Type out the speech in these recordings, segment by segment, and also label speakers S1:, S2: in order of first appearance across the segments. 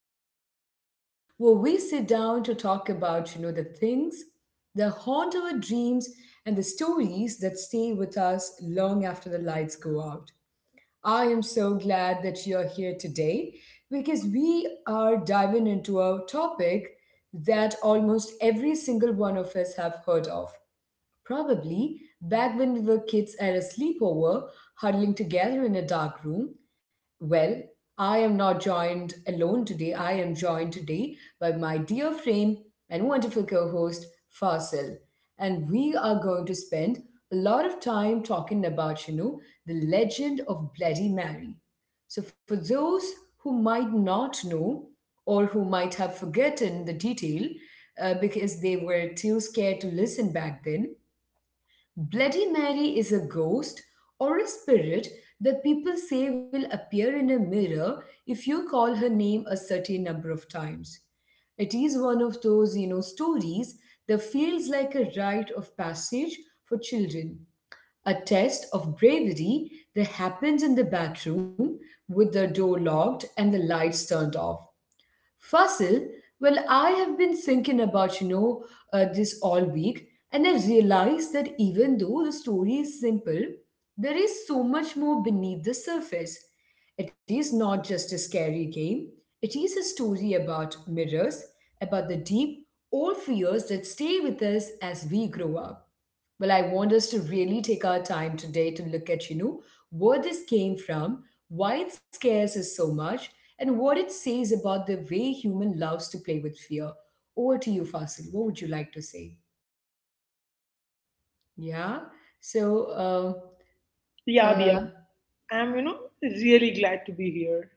S1: little space where we sit down to talk about, you know, the things that haunt our dreams and the stories that stay with us long after the lights go out. I am so glad that you're here today because we are diving into a topic that almost every single one of us have heard of. Probably back when we were kids at a sleepover, huddling together in a dark room. Well, I am not joined alone today. I am joined today by my dear friend and wonderful co host, Fasil. And we are going to spend a lot of time talking about, you know, the legend of Bloody Mary. So, for those who might not know or who might have forgotten the detail because they were too scared to listen back then, Bloody Mary is a ghost or a spirit that people say will appear in a mirror if you call her name a certain number of times. It is one of those, you know, stories that feels like a rite of passage for children, a test of bravery that happens in the bathroom with the door locked and the lights turned off. Fasil, well, I have been thinking about, you know, this all week, and I realized that even though the story is simple, there is so much more beneath the surface. It is not just a scary game, it is a story about mirrors, about the deep, old fears that stay with us as we grow up. Well, I want us to really take our time today to look at, you know, where this came from, why it scares us so much, and what it says about the way human loves to play with fear. Over to you, Fasil. What would you like to say? Yeah. So, um,
S2: Yeah, Diya,
S1: uh,
S2: I'm really glad to be here.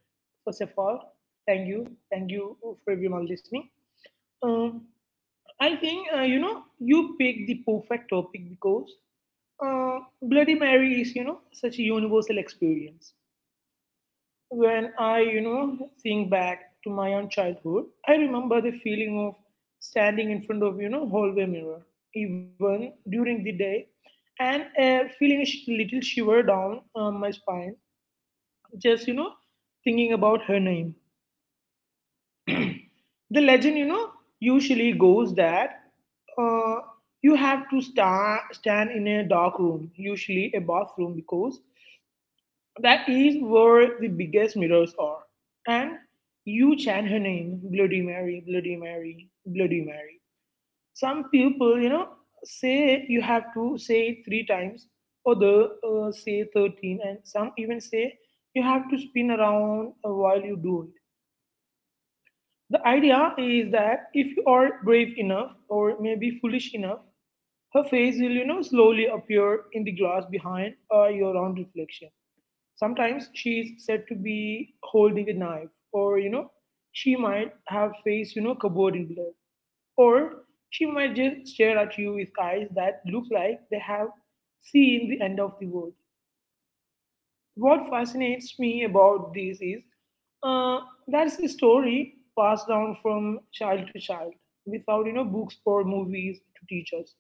S2: First of all, thank you. Thank you for everyone listening. Um, I think, you picked the perfect topic because Bloody Mary is, such a universal experience. When I think back to my own childhood, I remember the feeling of standing in front of, you know, hallway mirror, even during the day, and feeling a little shiver down my spine, just thinking about her name. The legend, you know, usually goes that uh, you have to stand in a dark room, usually a bathroom, because that is where the biggest mirrors are, and you chant her name. Bloody Mary, Bloody Mary, Bloody Mary. Some people, you know, say you have to say it 3 times, other say 13, and some even say you have to spin around while you do it. The idea is that if you are brave enough or maybe foolish enough, her face will, you know, slowly appear in the glass behind your own reflection. Sometimes she is said to be holding a knife, or, you know, she might have face, you know, covered in blood, or she might just stare at you with eyes that look like they have seen the end of the world. What fascinates me about these is uh, that's the story passed down from child to child without, you know, books or movies to teach us.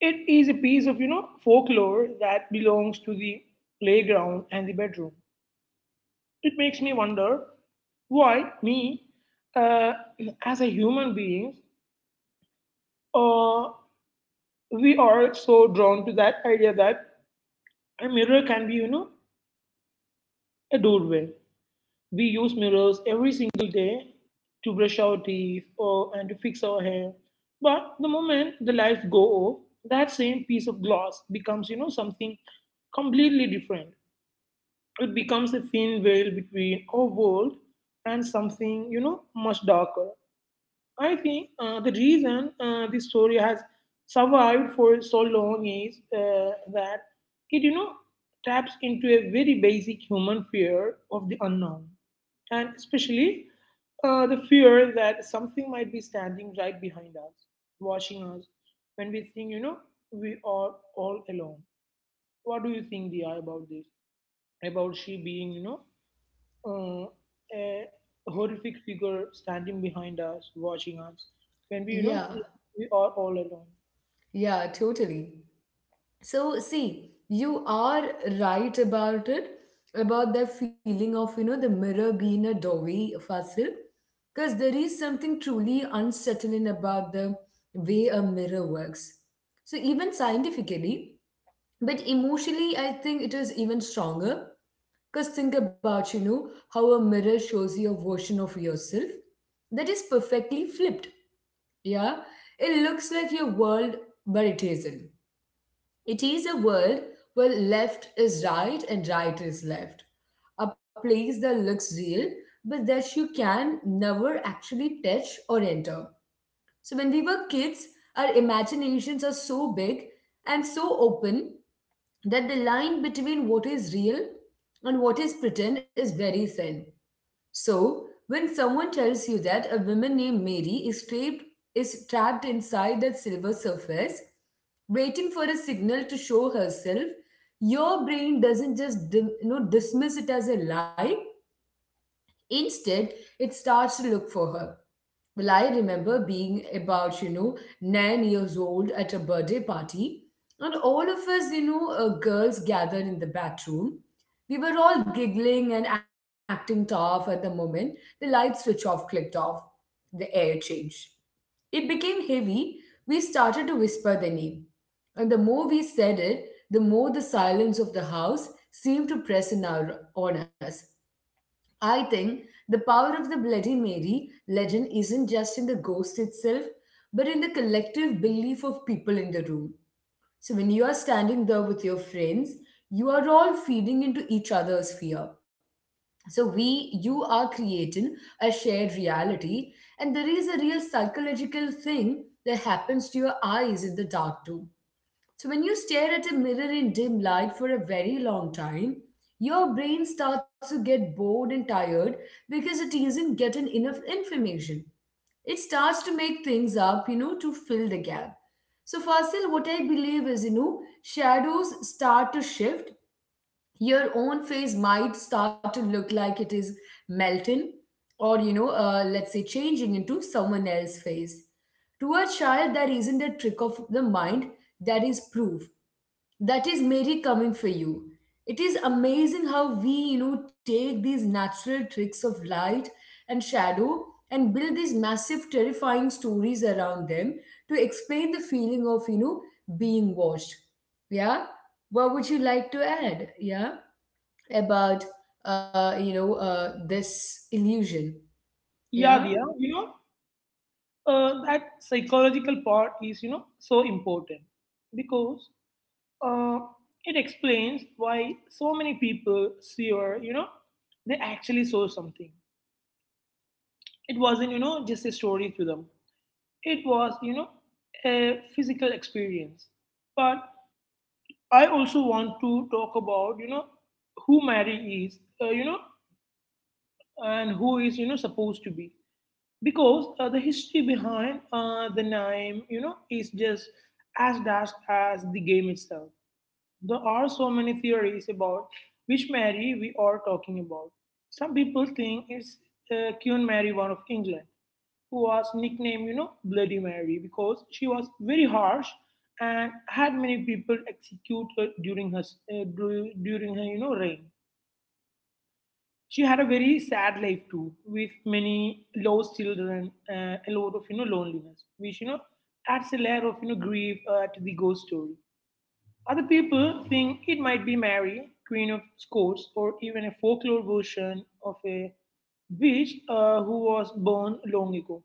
S2: It is a piece of, you know, folklore that belongs to the playground and the bedroom. It makes me wonder why me, uh, as a human being, uh, we are so drawn to that idea that a mirror can be, you know, a doorway. We use mirrors every single day to brush our teeth or and to fix our hair. But the moment the lights go off, that same piece of glass becomes, you know, something completely different. It becomes a thin veil between our world and something, you know, much darker. I think the reason this story has survived for so long is that it, you know, taps into a very basic human fear of the unknown, and especially the fear that something might be standing right behind us, watching us, when we think, you know, we are all alone. What do you think, Dia, about this? About she being, you know, uh, a horrific figure standing behind us, watching us, when we, you know,
S1: yeah,
S2: think we are all alone.
S1: yeah, totally. So, see, you are right about it, about that feeling of, you know, the mirror being a doorway, Fasil, because there is something truly unsettling about the way a mirror works, so even scientifically, but emotionally I think it is even stronger because think about, you know, how a mirror shows you a version of yourself that is perfectly flipped. Yeah, it looks like your world, but it isn't. It is a world where left is right and right is left. A place that looks real, but that you can never actually touch or enter. So, when we were kids, our imaginations are so big and so open that the line between what is real and what is pretend is very thin. So, when someone tells you that a woman named Mary is trapped, inside that silver surface, waiting for a signal to show herself, your brain doesn't just dismiss it as a lie. Instead, it starts to look for her. Well, I remember being about, you know, 9 years old at a birthday party, and all of us, you know, girls gathered in the back room. We were all giggling and acting tough at the moment. The light switch off clicked off. The air changed. It became heavy. We started to whisper their name. And the more we said it, the more the silence of the house seemed to press on us. I think the power of the Bloody Mary legend isn't just in the ghost itself, but in the collective belief of people in the room. So when you are standing there with your friends, you are all feeding into each other's fear. You are creating a shared reality, and there is a real psychological thing that happens to your eyes in the dark too. So, when you stare at a mirror in dim light for a very long time, your brain starts to get bored and tired because it isn't getting enough information. It starts to make things up, you know, to fill the gap. So, Fasil, what I believe is, you know, shadows start to shift. Your own face might start to look like it is melting or, you know, let's say changing into someone else's face. To a child, that isn't a trick of the mind, that is proof that is Mary coming for you. It is amazing how we, you know, take these natural tricks of light and shadow and build these massive, terrifying stories around them to explain the feeling of, you know, being watched. Yeah. What would you like to add? Yeah. About, you know, this illusion.
S2: Yeah,
S1: Yeah.
S2: Diya, you know, that psychological part is, you know, so important because uh, it explains why so many people see, or, you know, they actually saw something. It wasn't, you know, just a story to them. It was, you know, a physical experience. But I also want to talk about, you know, who Mary is, you know, and who is, you know, supposed to be, because the history behind the name, you know, is just as vast as the game itself. There are so many theories about which Mary we are talking about. Some people think it's Queen Mary one of England, who was nicknamed, you know, Bloody Mary because she was very harsh and had many people executed during her during her, you know, reign. She had a very sad life too, with many lost children, a lot of, you know, loneliness, which, you know, adds a layer of, you know, grief to the ghost story. Other people think it might be Mary, Queen of Scots, or even a folklore version of a witch who was born long ago.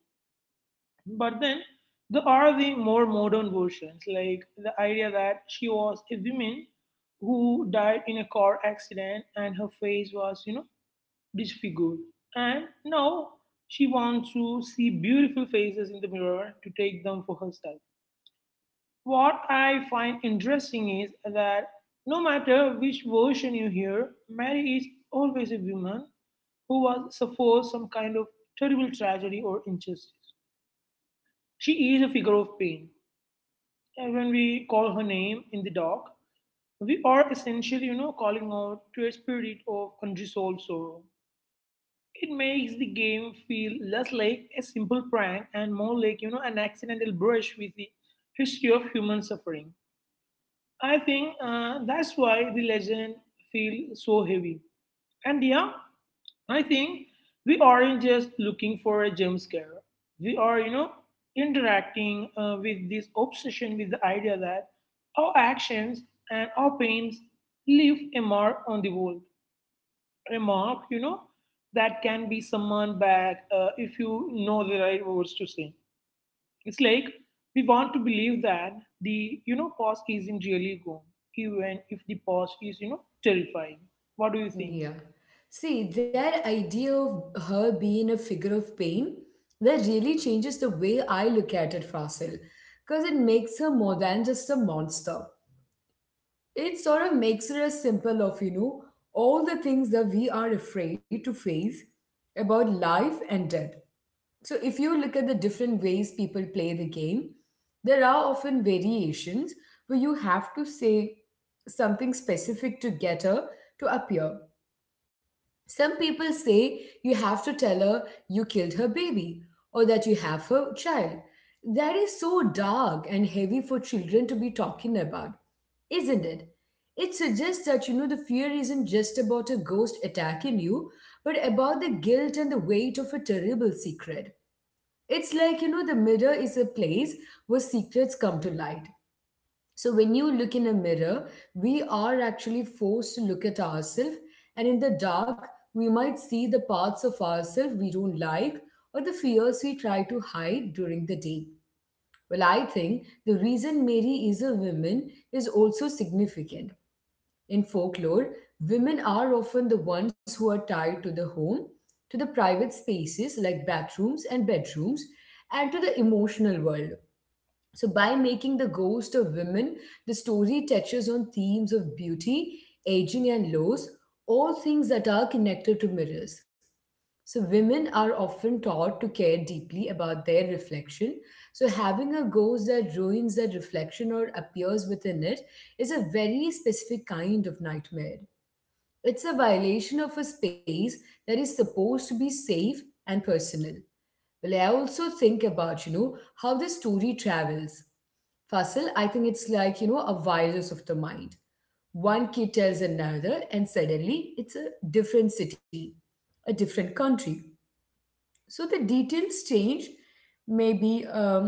S2: But then there are the more modern versions, like the idea that she was a woman who died in a car accident and her face was, you know, disfigured. And now she wants to see beautiful faces in the mirror to take them for herself. What I find interesting is that no matter which version you hear, Mary is always a woman who was suffered some kind of terrible tragedy or injustice. She is a figure of pain. When we call her name in the dark, we are essentially, you know, calling out to a spirit of unresolved sorrow. It makes the game feel less like a simple prank and more like, you know, an accidental brush with the history of human suffering. I think that's why the legend feels so heavy. And yeah, I think we aren't just looking for a jump scare. We are, you know, interacting with this obsession with the idea that our actions and our pains leave a mark on the world. A mark, you know, that can be summoned back if you know the right words to say. It's like we want to believe that the, you know, past isn't really gone, even if the past is, you know, terrifying. What do you think?
S1: Yeah. See, that idea of her being a figure of pain, that really changes the way I look at it, Fasil, because it makes her more than just a monster. It sort of makes her a symbol of, you know, all the things that we are afraid to face about life and death. So if you look at the different ways people play the game, there are often variations where you have to say something specific to get her to appear. Some people say you have to tell her you killed her baby or that you have her child. That is so dark and heavy for children to be talking about, isn't it? It suggests that you know the fear isn't just about a ghost attacking you, but about the guilt and the weight of a terrible secret. It's like you know the mirror is a place where secrets come to light. So when you look in a mirror, we are actually forced to look at ourselves, and in the dark, we might see the parts of ourselves we don't like or the fears we try to hide during the day. Well, I think the reason Mary is a woman is also significant. In folklore, women are often the ones who are tied to the home, to the private spaces like bathrooms and bedrooms, and to the emotional world. So, by making the ghost of women, the story touches on themes of beauty, aging, and loss, all things that are connected to mirrors. So, women are often taught to care deeply about their reflection. So, having a ghost that ruins that reflection or appears within it is a very specific kind of nightmare. It's a violation of a space that is supposed to be safe and personal. Well, I also think about, you know, how the story travels. Fasil, I think it's like, you know, a virus of the mind. One kid tells another, and suddenly it's a different city, a different country. So the details change, maybe.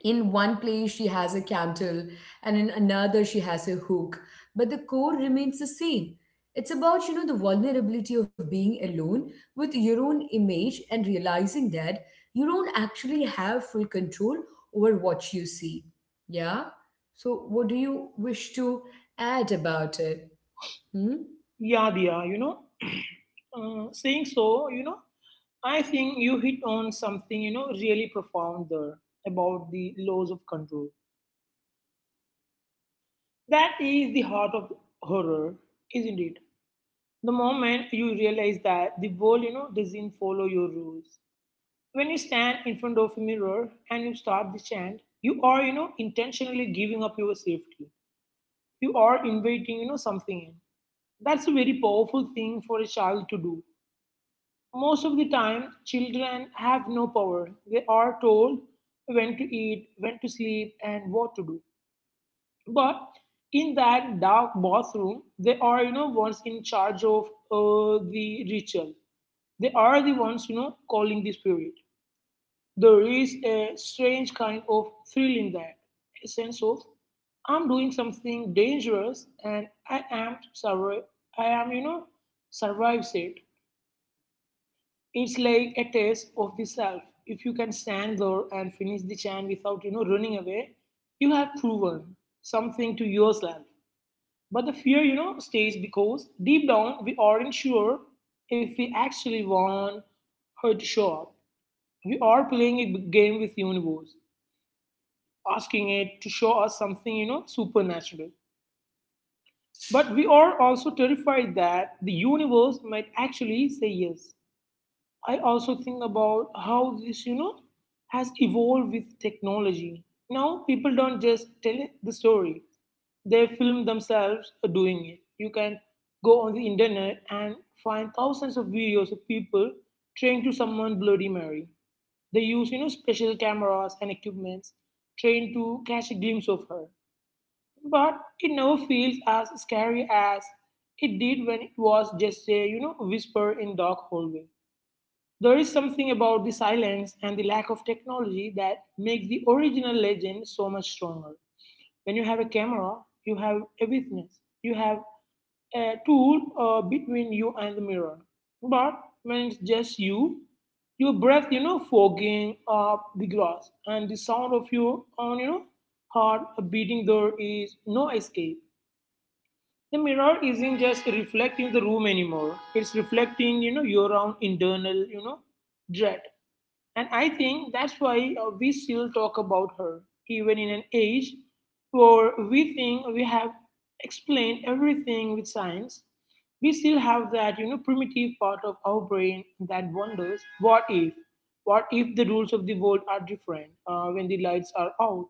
S1: In one place she has a candle and in another she has a hook, but the core remains the same. It's about, you know, the vulnerability of being alone with your own image and realizing that you don't actually have full control over what you see. Yeah. So what do you wish to add about it? Hmm?
S2: Yeah, yeah, you know, saying so, you know, I think you hit on something, you know, really profound there about the laws of control. That is the heart of horror, isn't it? The moment you realize that the world, you know, doesn't follow your rules, when you stand in front of a mirror and you start the chant, you are, you know, intentionally giving up your safety. You are inviting, you know, something in. That's a very powerful thing for a child to do. Most of the time children have no power. They are told when to eat, when to sleep, and what to do. But in that dark bathroom, they are, you know, ones in charge of the ritual. They are the ones, you know, calling the spirit. There is a strange kind of thrill in that, a sense of I'm doing something dangerous and I am survive. I am survives it. It's like a test of the self. If you can stand there and finish the chant without, you know, running away, you have proven something to yourself. But the fear, you know, stays because deep down we aren't sure if we actually want her to show up. We are playing a game with the universe, asking it to show us something, you know, supernatural. But we are also terrified that the universe might actually say yes. I also think about how this, you know, has evolved with technology. Now people don't just tell the story, they film themselves doing it. You can go on the internet and find thousands of videos of people trying to summon Bloody Mary. They use, you know, special cameras and equipments trained to catch a glimpse of her, but it never feels as scary as it did when it was just a, you know, whisper in dark hallway. There is something about the silence and the lack of technology that makes the original legend so much stronger. When you have a camera, you have a witness, you have a tool between you and the mirror. But when it's just you, your breath, you know, fogging up the glass and the sound of your own, you know, heart beating, there is no escape. The mirror isn't just reflecting the room anymore. It's reflecting, you know, your own internal, you know, dread. And I think that's why we still talk about her, even in an age where we think we have explained everything with science. We still have that, you know, primitive part of our brain that wonders, what if? What if the rules of the world are different when the lights are out?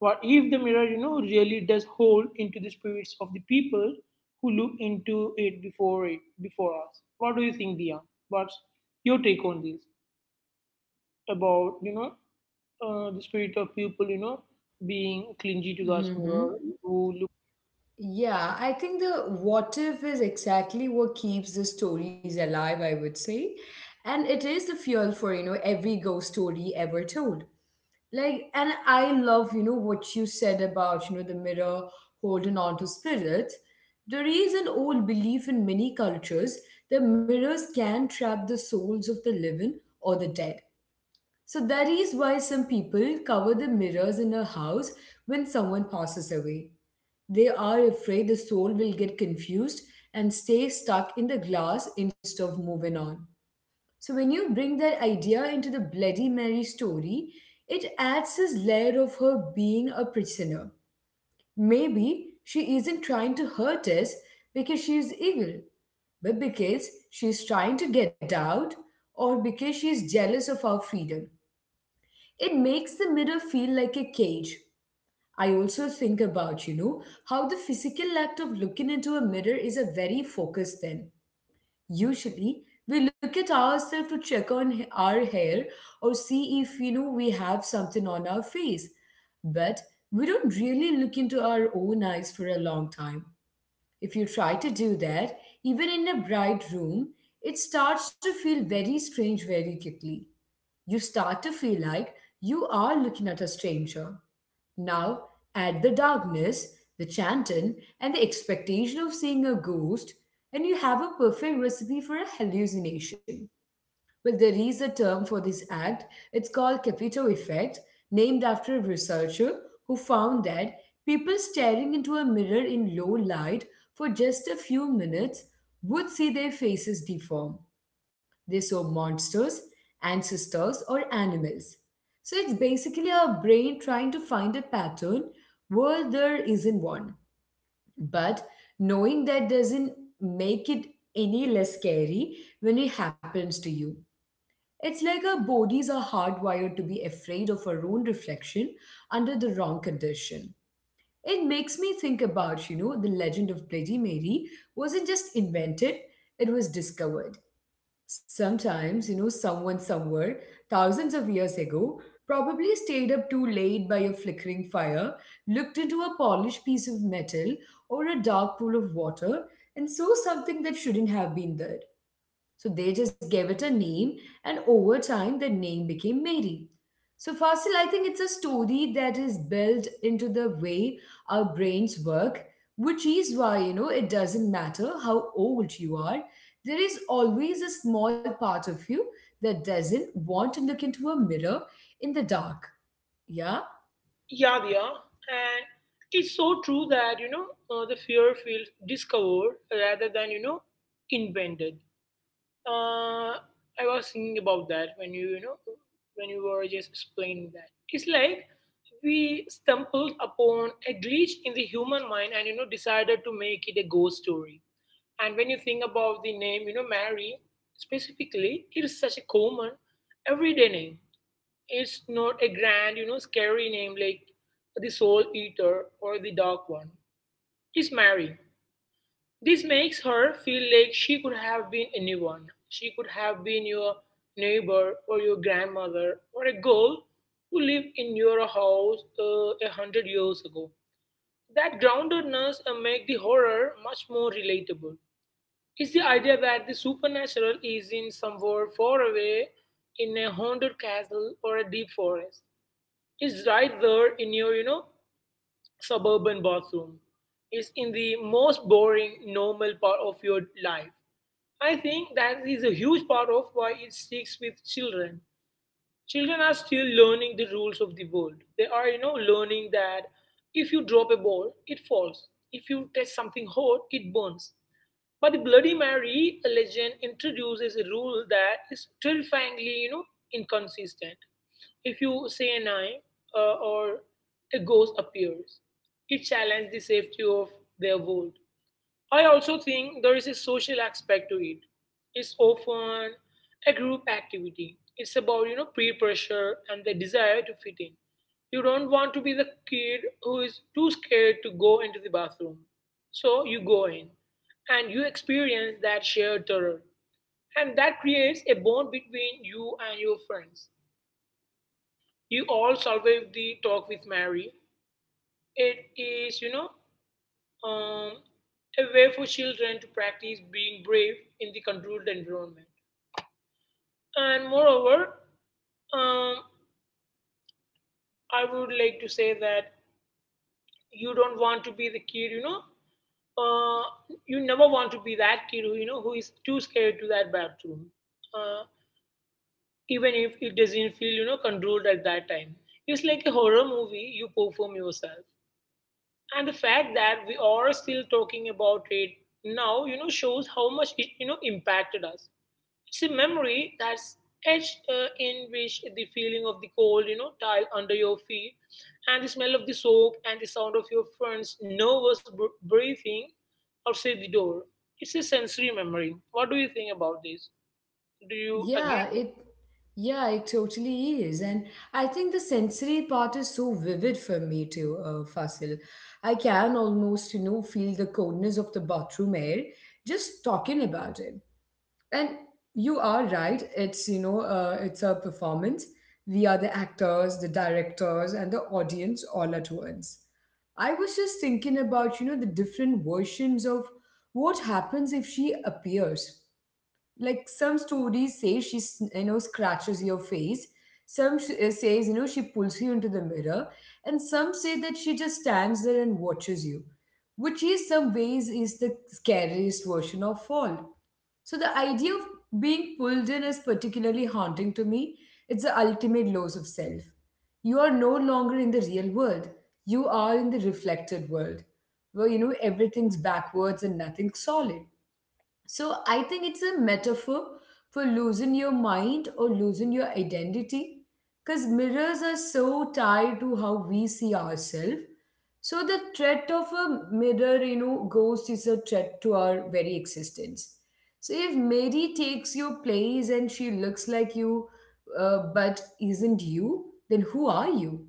S2: What if the mirror, you know, really does hold into the spirits of the people who look into it before us? What do you think, Dia? What's your take on this? About, you know, the spirit of people, you know, being clingy to the
S1: Hmm.
S2: mirror who look.
S1: Yeah, I think the what if is exactly what keeps the stories alive, I would say. And it is the fuel for, you know, every ghost story ever told. Like, and I love, you know, what you said about, you know, the mirror holding on to spirits. There is an old belief in many cultures that mirrors can trap the souls of the living or the dead. So that is why some people cover the mirrors in a house when someone passes away. They are afraid the soul will get confused and stay stuck in the glass instead of moving on. So when you bring that idea into the Bloody Mary story, it adds this layer of her being a prisoner. Maybe she isn't trying to hurt us because she is evil, but because she's trying to get out or because she's jealous of our freedom. It makes the mirror feel like a cage. I also think about, you know, how the physical act of looking into a mirror is a very focused thing. Usually, we look at ourselves to check on our hair or see if, you know, we have something on our face. But we don't really look into our own eyes for a long time. If you try to do that, even in a bright room, it starts to feel very strange very quickly. You start to feel like you are looking at a stranger. Now, add the darkness, the chanting, and the expectation of seeing a ghost, and you have a perfect recipe for a hallucination. Well, there is a term for this act. It's called Capito effect, named after a researcher who found that people staring into a mirror in low light for just a few minutes would see their faces deform. They saw monsters, ancestors, or animals. So it's basically our brain trying to find a pattern where there isn't one. But knowing that doesn't make it any less scary when it happens to you. It's like our bodies are hardwired to be afraid of our own reflection under the wrong condition. It makes me think about, the legend of Bloody Mary wasn't just invented, it was discovered. Sometimes, someone somewhere, thousands of years ago, probably stayed up too late by a flickering fire, looked into a polished piece of metal or a dark pool of water, and saw something that shouldn't have been there. So they just gave it a name, and over time, the name became Mary. So, Fasil, I think it's a story that is built into the way our brains work, which is why, it doesn't matter how old you are, there is always a small part of you that doesn't want to look into a mirror in the dark. Yeah.
S2: Yeah, yeah, and it's so true that, you know, the fear feels discovered rather than, you know, invented. uh, I was thinking about that when you know, when you were just explaining that, it's like we stumbled upon a glitch in the human mind and, you know, decided to make it a ghost story. And when you think about the name, you know, Mary specifically, it is such a common, everyday name. It's not a grand, you know, scary name like the Soul Eater or the Dark One. It's Mary. This makes her feel like she could have been anyone. She could have been your neighbor or your grandmother or a girl who lived in your house 100 years ago. That groundedness make the horror much more relatable. It's the idea that the supernatural is in somewhere far away in a haunted castle or a deep forest. It's right there in your, you know, suburban bathroom. It's in the most boring, normal part of your life. I think that is a huge part of why it sticks with children. Children are still learning the rules of the world. They are, learning that if you drop a ball, it falls. If you touch something hot, it burns. But the Bloody Mary legend introduces a rule that is terrifyingly, inconsistent. If you say a nine or a ghost appears, it challenges the safety of their world. I also think there is a social aspect to it. It's often a group activity. It's about peer pressure and the desire to fit in. You don't want to be the kid who is too scared to go into the bathroom, so you go in, and you experience that shared terror, and that creates a bond between you and your friends. You all survived the talk with Mary. It is um, a way for children to practice being brave in the controlled environment. And moreover, um, I would like to say that you don't want to be the kid, uh, you never want to be that kid who who is too scared to that bathroom uh, even if it doesn't feel controlled at that time. It's like a horror movie you perform yourself, and the fact that we are still talking about it now shows how much it impacted us. It's a memory that's etched in which the feeling of the cold, tile under your feet, and the smell of the soap, and the sound of your friend's nervous breathing outside the door. It's a sensory memory. What do you think about this? Do you
S1: Yeah,
S2: agree with?
S1: it yeah, it totally is. And I think the sensory part is so vivid for me too, Fasil. I can almost, feel the coldness of the bathroom air just talking about it. And you are right, it's, it's a performance. We are the actors, the directors, and the audience all at once. I was just thinking about, the different versions of what happens if she appears. Like, some stories say scratches your face, some says she pulls you into the mirror, and some say that she just stands there and watches you, which is, some ways, is the scariest version of all. So the idea of being pulled in is particularly haunting to me. It's the ultimate loss of self. You are no longer in the real world, you are in the reflected world, where everything's backwards and nothing's solid. So I think it's a metaphor for losing your mind or losing your identity, because mirrors are so tied to how we see ourselves. So the threat of a mirror, ghost is a threat to our very existence. So if Mary takes your place and she looks like you, but isn't you, then who are you?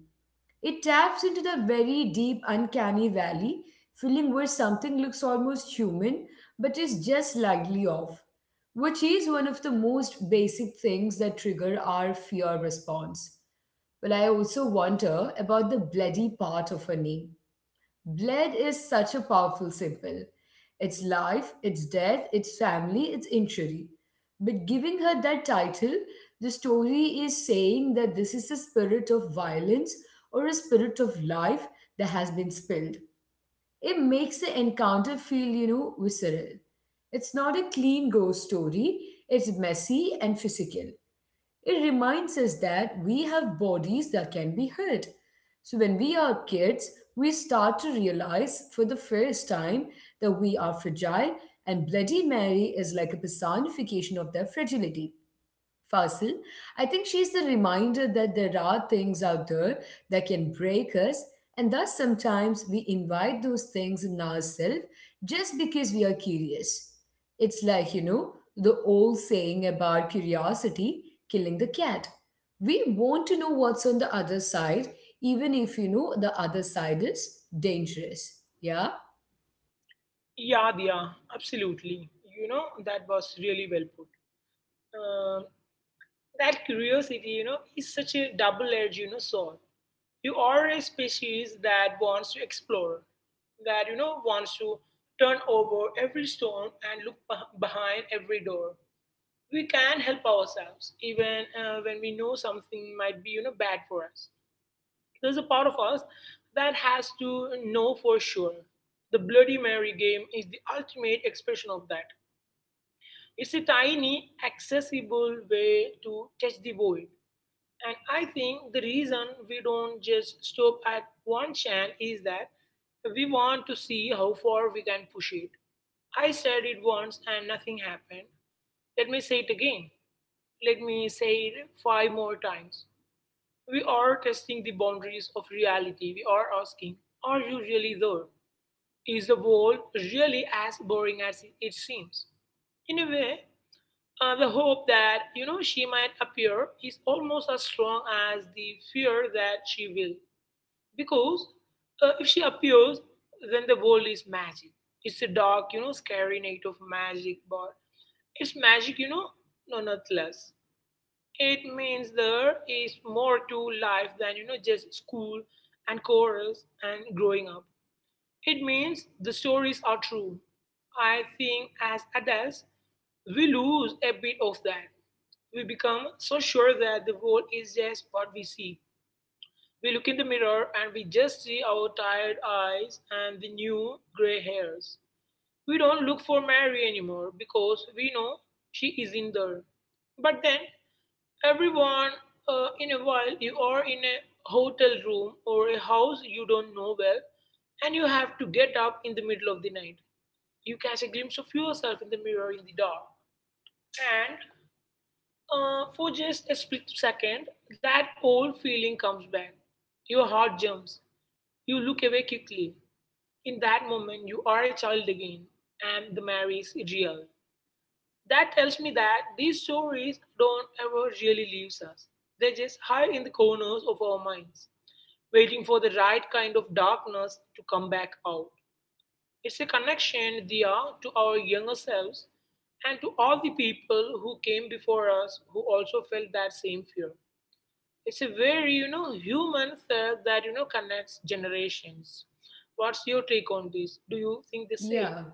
S1: It taps into the very deep, uncanny valley feeling, where something looks almost human but is just slightly off, which is one of the most basic things that trigger our fear response. But I also wonder about the bloody part of her name. Blood is such a powerful symbol. It's life, it's death, it's family, it's injury. But giving her that title, the story is saying that this is a spirit of violence or a spirit of life that has been spilled. It makes the encounter feel, visceral. It's not a clean ghost story, it's messy and physical. It reminds us that we have bodies that can be hurt. So when we are kids, we start to realize for the first time that we are fragile, and Bloody Mary is like a personification of that fragility. Fasil, I think she's the reminder that there are things out there that can break us, and thus sometimes we invite those things in ourselves just because we are curious. It's like, the old saying about curiosity killing the cat. We want to know what's on the other side, even if the other side is dangerous. Yeah?
S2: Yeah, yeah, absolutely. You know, that was really well put. Um that curiosity, is such a double-edged, sword. You are a species that wants to explore, that wants to turn over every stone and look behind every door. We can help ourselves even when we know something might be, you know, bad for us. There's a part of us that has to know for sure. The Bloody Mary game is the ultimate expression of that. It's a tiny, accessible way to touch the void, and I think the reason we don't just stop at one channel is that we want to see how far we can push it. I said it once and nothing happened. Let me say it again. Let me say it five more times. We are testing the boundaries of reality. We are asking, are you really there? Is the world really as boring as it seems? In a way, the hope that she might appear is almost as strong as the fear that she will, because if she appears, then the world is magic. It's a dark, scary night of magic, but it's magic, you know. No, not less. It means there is more to life than, just school and chorus and growing up. It means the stories are true. I think as adults, we lose a bit of that. We become so sure that the world is just what we see. We look in the mirror and we just see our tired eyes and the new gray hairs. We don't look for Mary anymore because we know she isn't there. But then, everyone in a while, you are in a hotel room or a house you don't know well, and you have to get up in the middle of the night. You catch a glimpse of yourself in the mirror in the dark. And... for just a split second, that old feeling comes back. Your heart jumps. You look away quickly. In that moment, you are a child again, and the marriage is real. That tells me that these stories don't ever really leave us. They just hide in the corners of our minds, waiting for the right kind of darkness to come back out. It's a connection, Diya, to our younger selves and to all the people who came before us who also felt that same fear. It's a very, you know, human thread that, you know, connects generations. What's your take on this? Do you think the same?
S1: Yeah.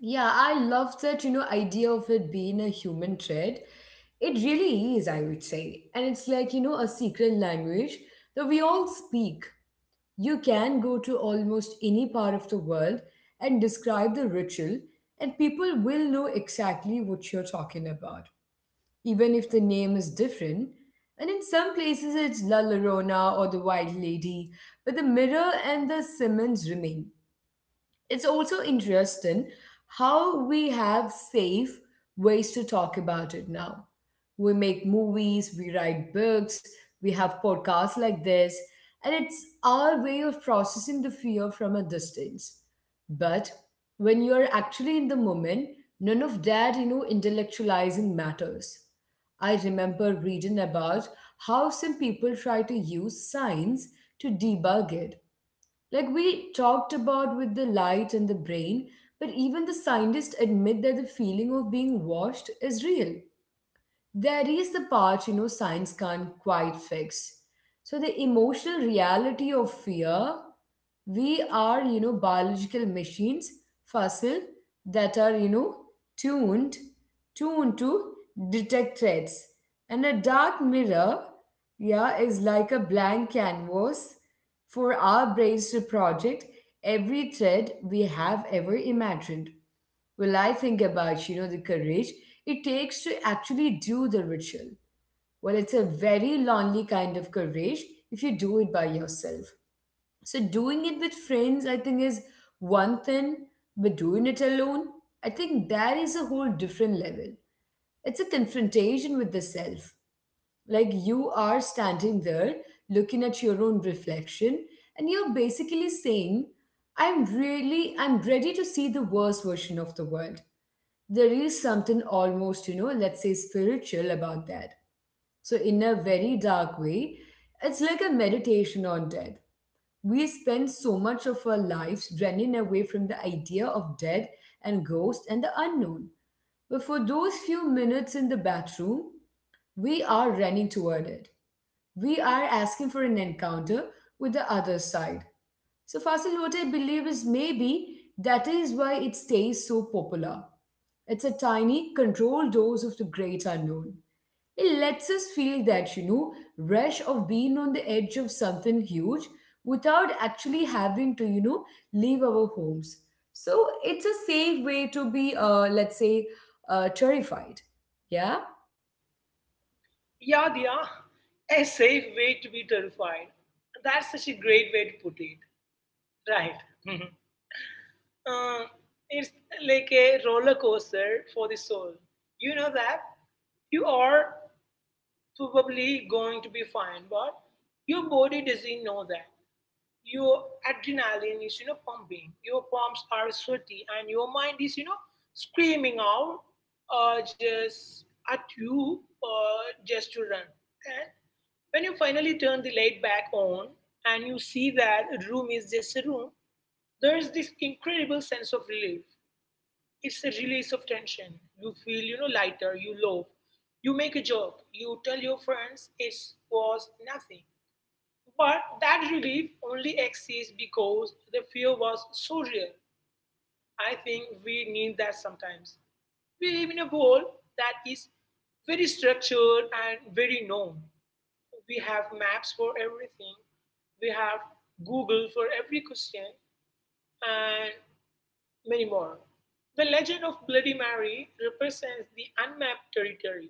S1: Yeah, I love that, idea of it being a human thread. It really is, I would say. And it's like, a secret language that we all speak. You can go to almost any part of the world and describe the ritual, and people will know exactly what you're talking about, even if the name is different. And in some places, it's La Llorona or the White Lady, but the mirror and the Simmons remain. It's also interesting how we have safe ways to talk about it now. We make movies, we write books, we have podcasts like this, and it's our way of processing the fear from a distance. But when you're actually in the moment, none of that, intellectualizing matters. I remember reading about how some people try to use science to debug it, like we talked about with the light and the brain, but even the scientists admit that the feeling of being washed is real. There is the part science can't quite fix. So the emotional reality of fear, we are biological machines, fossil that are tuned tuned to detect threats. And a dark mirror, yeah, is like a blank canvas for our brains to project every threat we have ever imagined. Well, I think about, the courage it takes to actually do the ritual. Well, it's a very lonely kind of courage if you do it by yourself. So doing it with friends, I think, is one thing, but doing it alone, I think that is a whole different level. It's a confrontation with the self. Like, you are standing there looking at your own reflection, and you're basically saying, I'm really, I'm ready to see the worst version of the world. There is something almost, let's say, spiritual about that. So, in a very dark way, it's like a meditation on death. We spend so much of our lives running away from the idea of death and ghosts and the unknown. But for those few minutes in the bathroom, we are running toward it. We are asking for an encounter with the other side. So, Fasil, what I believe is, maybe that is why it stays so popular. It's a tiny, controlled dose of the great unknown. It lets us feel that, rush of being on the edge of something huge without actually having to, leave our homes. So it's a safe way to be, let's say, terrified. Yeah?
S2: Yeah, Diya, a safe way to be terrified. That's such a great way to put it. Right. Mhm. Uh, it's like a roller coaster for the soul. You know that you are probably going to be fine, but your body doesn't know that. Your adrenaline is, you know, pumping. Your palms are sweaty, and your mind is, you know, screaming out, just at you, just to run. And when you finally turn the light back on and you see that room is just a room, there is this incredible sense of relief. It's a release of tension. You feel, you know, lighter, you laugh, you make a joke, you tell your friends it was nothing. But that relief only exists because the fear was so real. I think we need that sometimes. We live in a world that is very structured and very known. We have maps for everything. We have Google for every question. And many more. The legend of Bloody Mary represents the unmapped territory.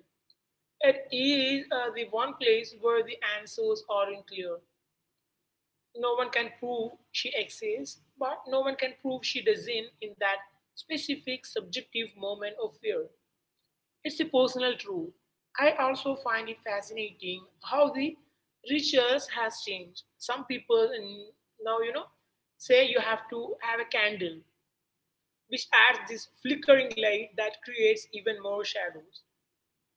S2: It is the one place where the answers are unclear. No one can prove she exists, but no one can prove she doesn't in that specific subjective moment of fear. It's a personal truth. I also find it fascinating how the rituals has changed. Some people now, you know, say you have to have a candle, which adds this flickering light that creates even more shadows.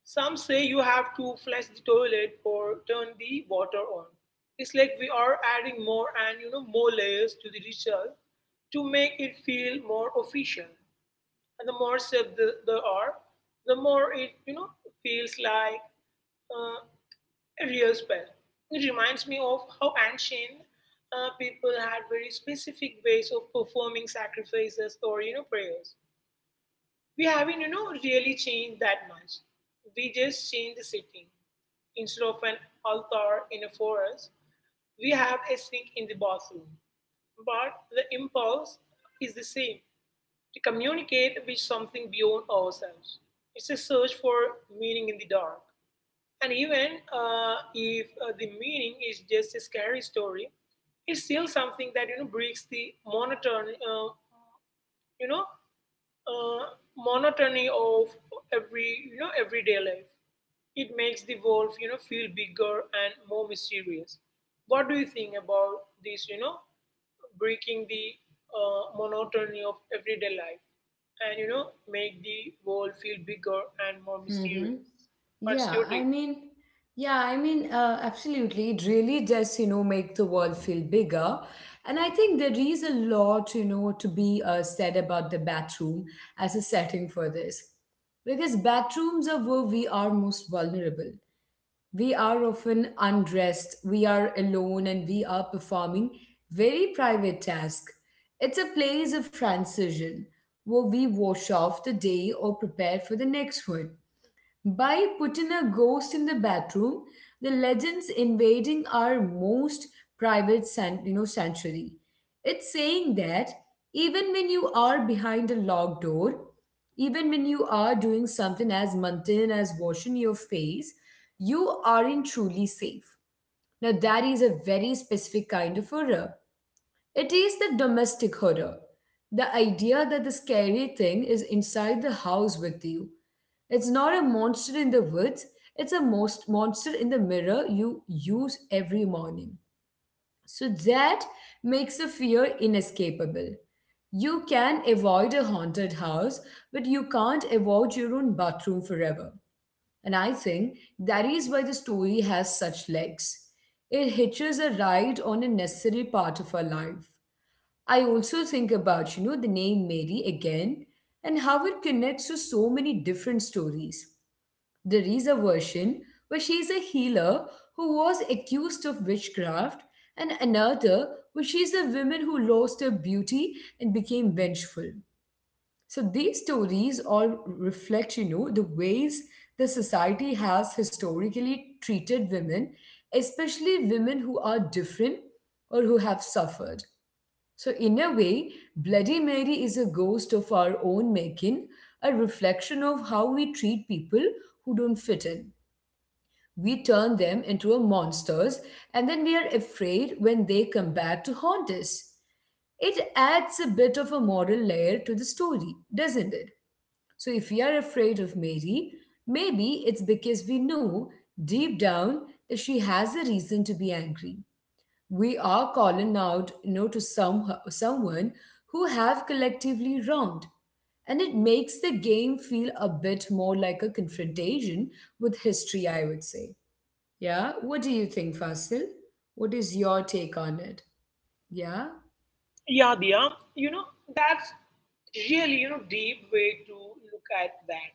S2: Some say you have to flush the toilet or turn the water on. It's like we are adding more and, more layers to the ritual to make it feel more official. And the more steps there are, the more it feels like uh, a real spell. It reminds me of how ancient people had very specific ways of performing sacrifices or prayers. We haven't, you know, really changed that much. We just changed the setting. Instead of an altar in a forest, we have a sink in the bathroom. But the impulse is the same, to communicate with something beyond ourselves. It's a search for meaning in the dark. And even if the meaning is just a scary story, it's still something that breaks the monotony, you know, uh, monotony of everyday life. It makes the wolf, feel bigger and more mysterious. What do you think about this? You know, breaking the monotony of everyday life and, you know, make the world feel bigger and more
S1: Mm-hmm.
S2: mysterious. What's
S1: Yeah,
S2: your
S1: I
S2: take?
S1: mean, yeah, I mean, absolutely. It really does, make the world feel bigger. And I think there is a lot, to be said about the bathroom as a setting for this. Because bathrooms are where we are most vulnerable. We are often undressed, we are alone, and we are performing very private tasks. It's a place of transition where we wash off the day or prepare for the next one. By putting a ghost in the bathroom, the legends invading our most sanctuary. It's saying that even when you are behind a locked door, even when you are doing something as mundane as washing your face, you aren't truly safe. Now, that is a very specific kind of horror. It is the domestic horror. The idea that the scary thing is inside the house with you. It's not a monster in the woods, it's a most monster in the mirror you use every morning. So that makes the fear inescapable. You can avoid a haunted house, but you can't avoid your own bathroom forever. And I think that is why the story has such legs. It hitches a ride on a necessary part of our life. I also think about, the name Mary again, and how it connects to so many different stories. There is a version where she is a healer who was accused of witchcraft, and another where she is a woman who lost her beauty and became vengeful. So these stories all reflect, the ways the society has historically treated women, especially women who are different or who have suffered. So, in a way, Bloody Mary is a ghost of our own making, a reflection of how we treat people who don't fit in. We turn them into a monsters, and then we are afraid when they come back to haunt us. It adds a bit of a moral layer to the story, doesn't it? So, if we are afraid of Mary, maybe it's because we know, deep down, that she has a reason to be angry. We are calling out, to someone who have collectively wronged, and it makes the game feel a bit more like a confrontation with history, I would say. Yeah, what do you think, Fasil? What is your take on it? Yeah.
S2: Yeah, Dia, you know, that's really, you know, deep way to look at that,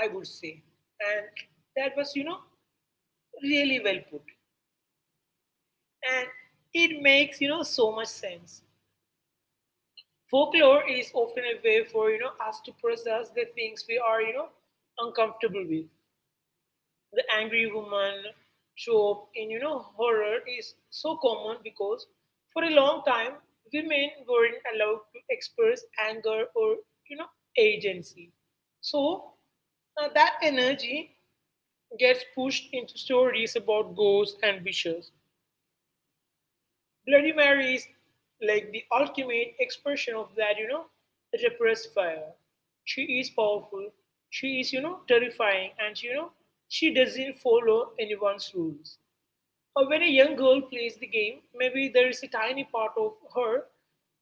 S2: I would say. And that was, you know, really well put. And it makes, so much sense. Folklore is often a way for, us to process the things we are, uncomfortable with. The angry woman trope in, horror is so common because for a long time women weren't allowed to express anger or, you know agency. So, that energy gets pushed into stories about ghosts and witches. Bloody Mary is like the ultimate expression of that, you know, repressed fire. She is powerful, she is, you know, terrifying, and, you know, she doesn't follow anyone's rules. Or when a young girl plays the game, maybe there is a tiny part of her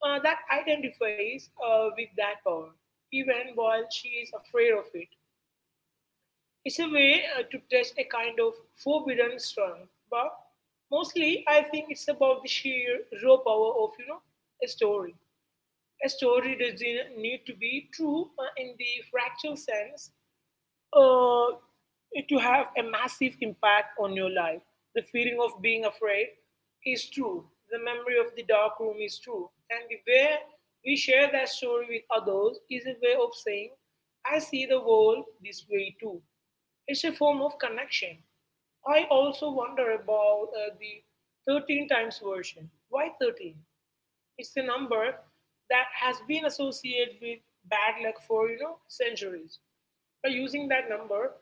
S2: that identifies with that power, even while she is afraid of it. It's a way to touch a kind of forbidden strength, but mostly I think it's about the sheer raw power of, a story. A story doesn't need to be true, in the fractal sense, uh, to have a massive impact on your life. The feeling of being afraid is true. The memory of the dark room is true. And the way we share that story with others is a way of saying, I see the world this way too. It's a form of connection. I also wonder about the 13 times version. Why 13? It's a number that has been associated with bad luck for, you know, centuries. By using that number,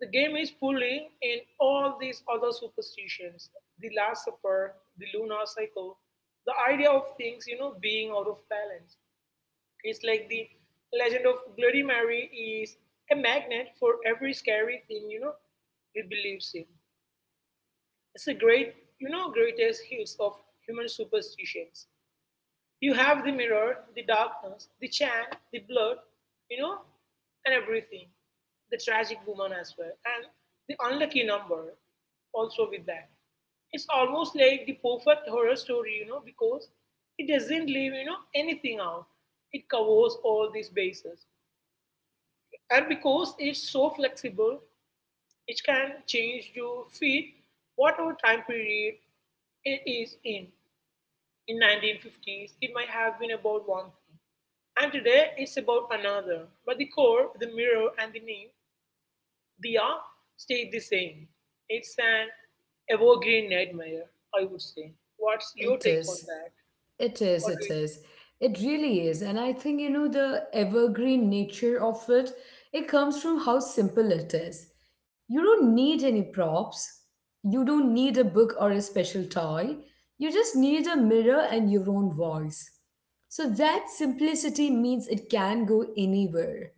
S2: the game is pulling in all these other superstitions, the Last Supper, the lunar cycle, the idea of things, you know, being out of balance. It's like the legend of Bloody Mary is a magnet for every scary thing, you know, it believes in. It's a great, you know, greatest hits of human superstitions. You have the mirror, the darkness, the chant, the blood, you know, and everything. The tragic woman as well, and the unlucky number also with that. It's almost like the perfect horror story, you know, because it doesn't leave, you know, anything out. It covers all these bases. And because it's so flexible, it can change to fit whatever time period it is in 1950s it might have been about one thing, and today it's about another, but the core, the mirror and the name, they are stay the same. It's an evergreen nightmare, I would say. What's your
S1: It
S2: take on
S1: is.
S2: that, or do
S1: It
S2: you,
S1: is. It really is. And I think, the evergreen nature of it, it comes from how simple it is. You don't need any props. You don't need a book or a special toy. You just need a mirror and your own voice. So that simplicity means it can go anywhere.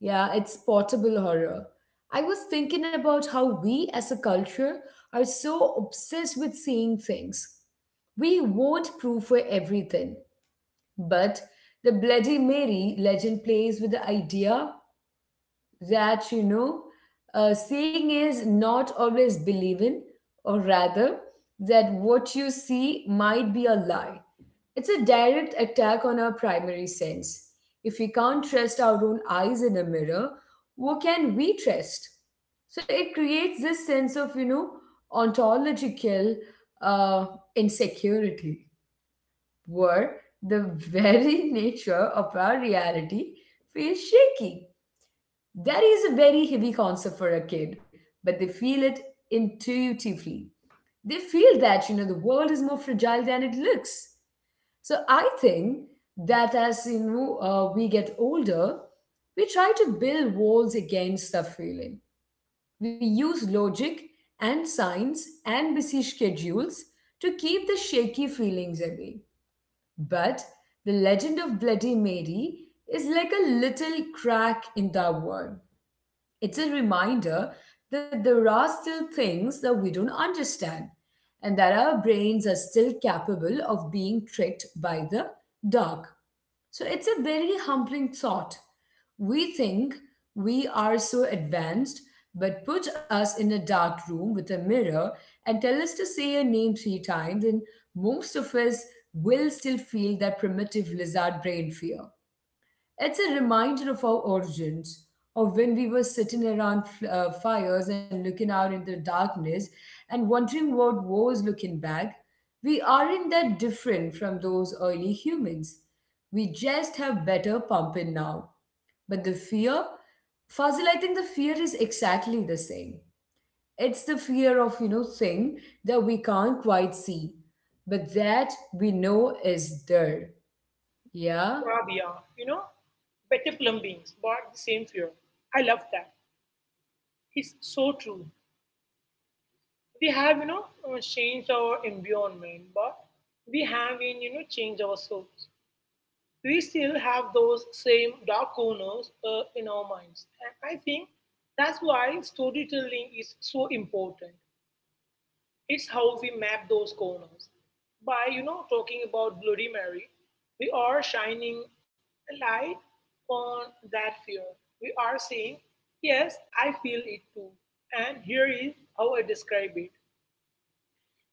S1: Yeah, it's portable horror. I was thinking about how we as a culture are so obsessed with seeing things. We want proof for everything, but the Bloody Mary legend plays with the idea that, seeing is not always believing, or rather, that what you see might be a lie. It's a direct attack on our primary sense. If we can't trust our own eyes in a mirror, who can we trust? So it creates this sense of, ontological uh, insecurity where the very nature of our reality feels shaky. That is a very heavy concept for a kid, but they feel it intuitively. They feel that, the world is more fragile than it looks. So I think that as, we get older, we try to build walls against the feeling. We use logic and science and busy schedules to keep the shaky feelings away. But the legend of Bloody Mary is like a little crack in the world. It's a reminder that there are still things that we don't understand and that our brains are still capable of being tricked by the dark. So it's a very humbling thought. We think we are so advanced, but put us in a dark room with a mirror and tell us to say a name three times, and most of us will still feel that primitive lizard brain fear. It's a reminder of our origins, of when we were sitting around fires and looking out into the darkness and wondering what was looking back. We aren't that different from those early humans. We just have better pumping now. But the fear, Fazil, I think the fear is exactly the same. It's the fear of, thing that we can't quite see, but that we know is there. Yeah?
S2: yeah, yeah, you know, better plumbings but the same fear. I love that. It's so true. We have, you know, changed our environment, but we have in, you know, changed ourselves. We still have those same dark corners in our minds. And I think that's why storytelling is so important. It's how we map those corners. By, you know, talking about Bloody Mary, we are shining a light on that fear. We are saying, yes, I feel it too. And here is how I describe it.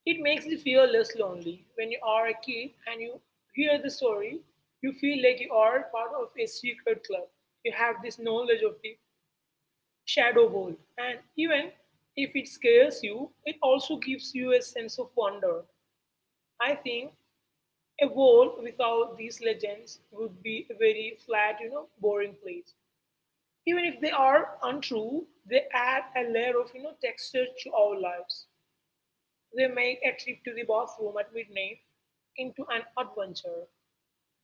S2: It makes you feel less lonely. When you are a kid and you hear the story, you feel like you are part of a secret club. You have this knowledge of the shadow world. And even if it scares you, it also gives you a sense of wonder. I think a world without these legends would be a very flat, you know, boring place. Even if they are untrue, they add a layer of, you know, texture to our lives. They make a trip to the bathroom at midnight into an adventure.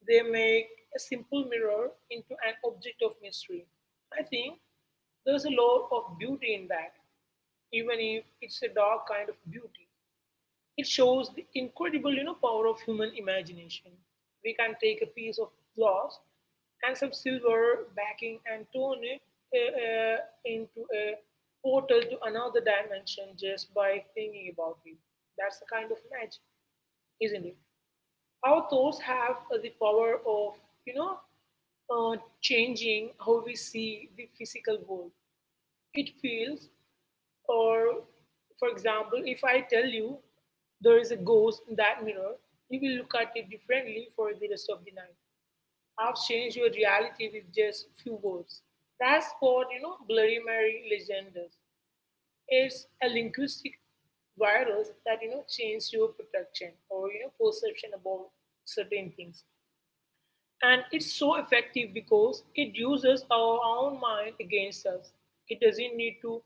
S2: They make a simple mirror into an object of mystery. I think there's a lot of beauty in that, even if it's a dark kind of beauty. It shows the incredible, you know, power of human imagination. We can take a piece of glass and some silver backing and turn it uh, uh, into a portal to another dimension just by thinking about it. That's the kind of magic, isn't it? Our thoughts have the power of, you know, changing how we see the physical world. It feels, or for example, if I tell you there is a ghost in that mirror, you will look at it differently for the rest of the night. I've changed your reality with just few words. That's what, you know, Bloody Mary legend is. It's a linguistic virus that, you know, changes your protection or, you know, perception about certain things. And it's so effective because it uses our own mind against us. It doesn't need to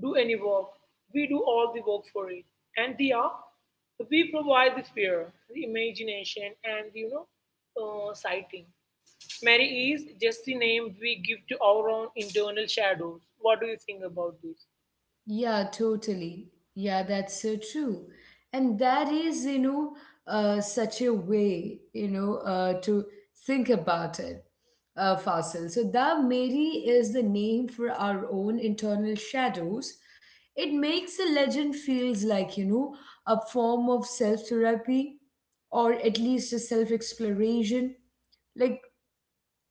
S2: do any work. We do all the work for it. And they are, we provide the fear, the imagination, and, you know, sighting. Mary is just the name we give to our own internal shadows. What do you think about this?
S1: Yeah, totally. Yeah, that's so true. And that is, such a way, to think about it, Fasil. So, the Mary is the name for our own internal shadows. It makes a legend feels like, a form of self-therapy or at least a self-exploration. Like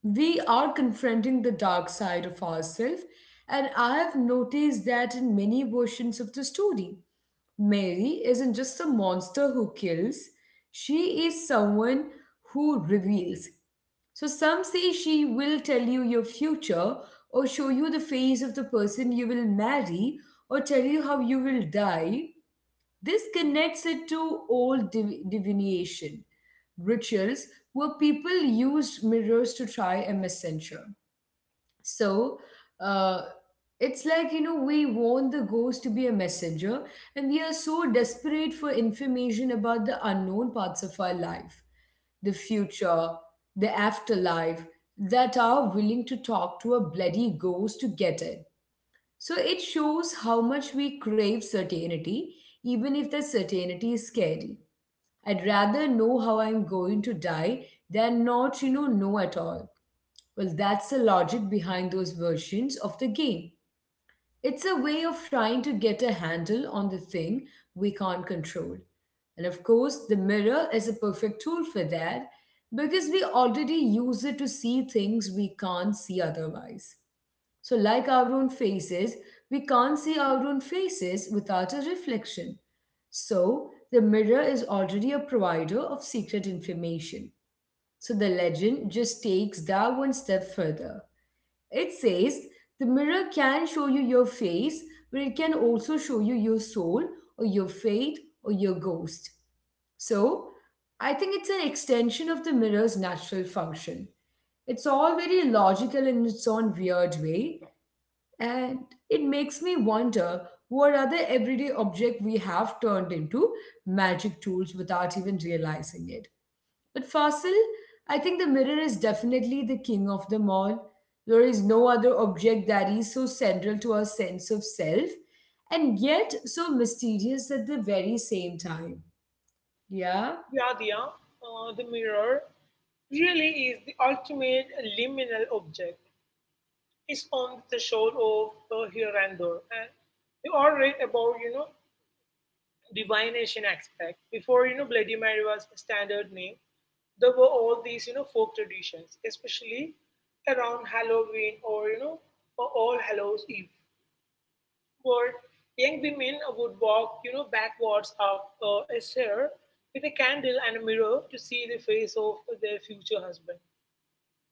S1: we are confronting the dark side of ourselves, and I have noticed that in many versions of the story. Mary isn't just a monster who kills, she is someone who reveals. So, some say she will tell you your future, or show you the face of the person you will marry, or tell you how you will die. This connects it to old divination rituals where people used mirrors to try a messenger. So, uh, it's like, we want the ghost to be a messenger, and we are so desperate for information about the unknown parts of our life, the future, the afterlife, that are willing to talk to a bloody ghost to get it. So it shows how much we crave certainty, even if the certainty is scary. I'd rather know how I'm going to die than not, know at all. Well, that's the logic behind those versions of the game. It's a way of trying to get a handle on the thing we can't control. And of course, the mirror is a perfect tool for that because we already use it to see things we can't see otherwise. So, like our own faces, we can't see our own faces without a reflection. So, the mirror is already a provider of secret information. So, the legend just takes that one step further. It says the mirror can show you your face, but it can also show you your soul or your fate or your ghost. So, I think it's an extension of the mirror's natural function. It's all very logical in its own weird way, and it makes me wonder what other everyday object we have turned into magic tools without even realizing it. But Fasil, I think the mirror is definitely the king of them all. There is no other object that is so central to our sense of self and yet so mysterious at the very same time. Yeah?
S2: Vyadya, the mirror really is the ultimate liminal object. Is on the shore of here and there. And you all read about, you know, divination aspect. Before, you know, Bloody Mary was a standard name, there were all these, you know, folk traditions, especially around Halloween, or, you know, or All Hallows Eve, where young women would walk, you know, backwards up a stair with a candle and a mirror to see the face of their future husband.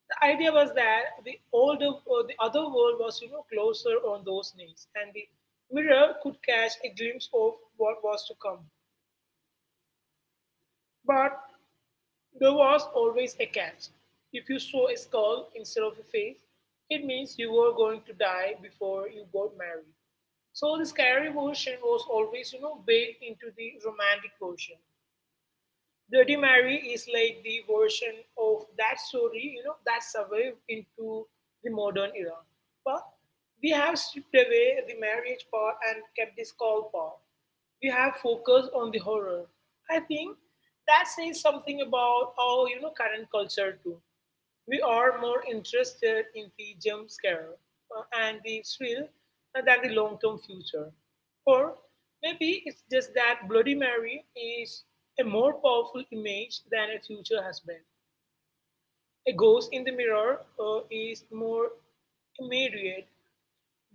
S2: The idea was that the older the other world was, you know, closer on those knees, and the mirror could catch a glimpse of what was to come. But there was always a catch. If you saw a skull instead of a face, it means you were going to die before you got married. So the scary version was always, you know, baked into the romantic version. Bloody Mary is like the version of that story, you know, that survived into the modern era. But we have stripped away the marriage part and kept the skull part. We have focused on the horror. I think that says something about our, you know, current culture too. We are more interested in the jump scare and the thrill than the long term future. Or maybe it's just that Bloody Mary is a more powerful image than a future husband. A ghost in the mirror is more immediate,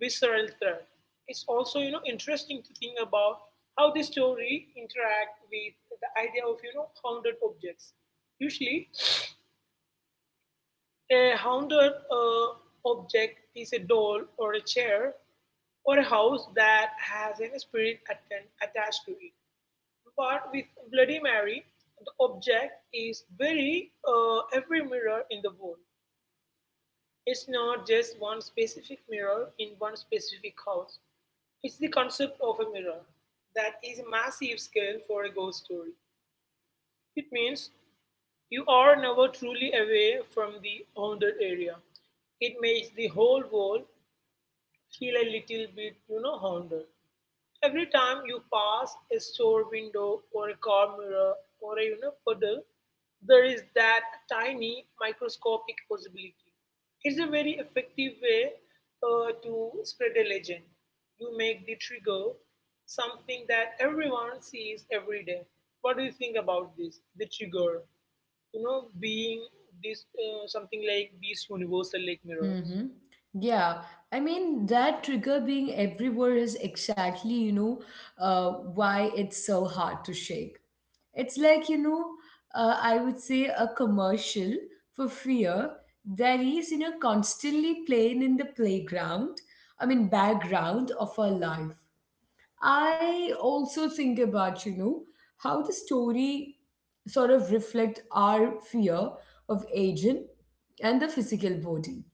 S2: visceral threat. It's also, you know, interesting to think about how the story interact with the idea of, you know, haunted objects. Usually, a haunted object is a doll or a chair or a house that has a spirit attached to it. But with Bloody Mary, the object is very every mirror in the world. It's not just one specific mirror in one specific house. It's the concept of a mirror that is a massive scale for a ghost story. It means you are never truly away from the haunted area. It makes the whole world feel a little bit, you know, haunted. Every time you pass a store window or a car mirror or a, you know, puddle, there is that tiny microscopic possibility. It's a very effective way to spread a legend. You make the trigger something that everyone sees every day. What do you think about this? The trigger, you know, being this something like these universal like mirrors.
S1: Mm-hmm. Yeah, I mean that trigger being everywhere is exactly, why it's so hard to shake. It's like, I would say a commercial for fear that is, constantly playing in the playground, I mean, background of our life. I also think about, how the story sort of reflect our fear of aging and the physical body.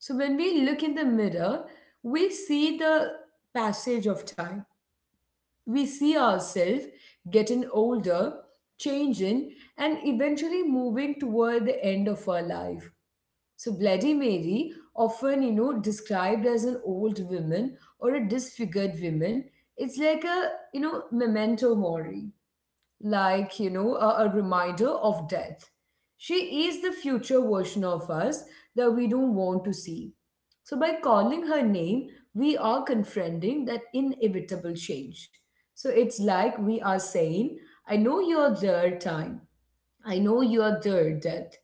S1: So when we look in the mirror, we see the passage of time. We see ourselves getting older, changing, and eventually moving toward the end of our life. So Bloody Mary, often described as an old woman or a disfigured woman, it's like a memento mori, like a reminder of death. She is the future version of us that we don't want to see. So by calling her name, we are confronting that inevitable change. So it's like we are saying, I know you're there, time. I know you're there, death.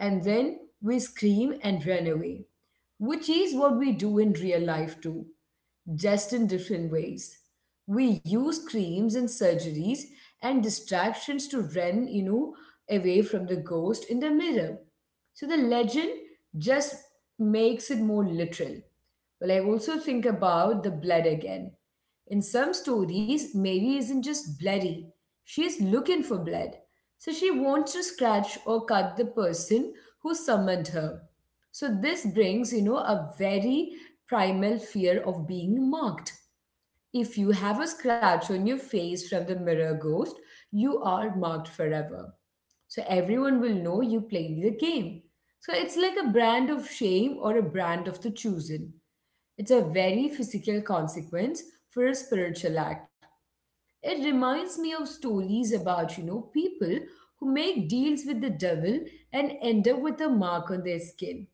S1: And then we scream and run away, which is what we do in real life too, just in different ways. We use creams and surgeries and distractions to run, away from the ghost in the mirror. So the legend just makes it more literal. Well, I also think about the blood again. In some stories, Mary isn't just bloody, she is looking for blood. So she wants to scratch or cut the person who summoned her. So this brings, a very primal fear of being marked. If you have a scratch on your face from the mirror ghost, you are marked forever. So everyone will know you played the game. So it's like a brand of shame or a brand of the chosen. It's a very physical consequence for a spiritual act. It reminds me of stories about, people who make deals with the devil and end up with a mark on their skin.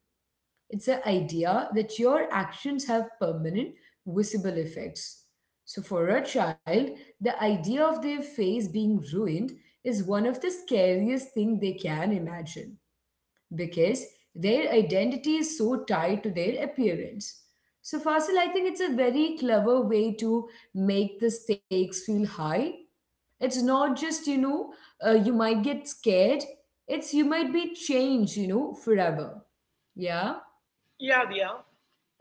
S1: It's the idea that your actions have permanent, visible effects. So, for a child, the idea of their face being ruined is one of the scariest things they can imagine because their identity is so tied to their appearance. So, Fasil, I think it's a very clever way to make the stakes feel high. It's not just, you might get scared, it's you might be changed, forever. Yeah?
S2: Yeah, Diya.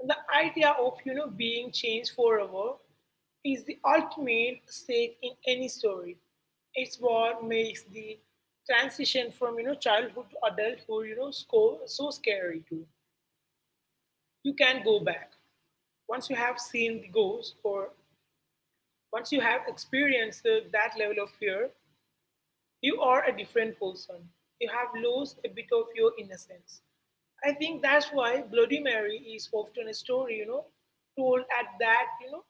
S2: The idea of, you know, being changed forever is the ultimate stake in any story. It's what makes the transition from, you know, childhood to adulthood, you know, so scary too. You can't go back. Once you have seen the ghost, or once you have experienced that level of fear, you are a different person. You have lost a bit of your innocence. I think that's why Bloody Mary is often a story, you know, told at that, you know,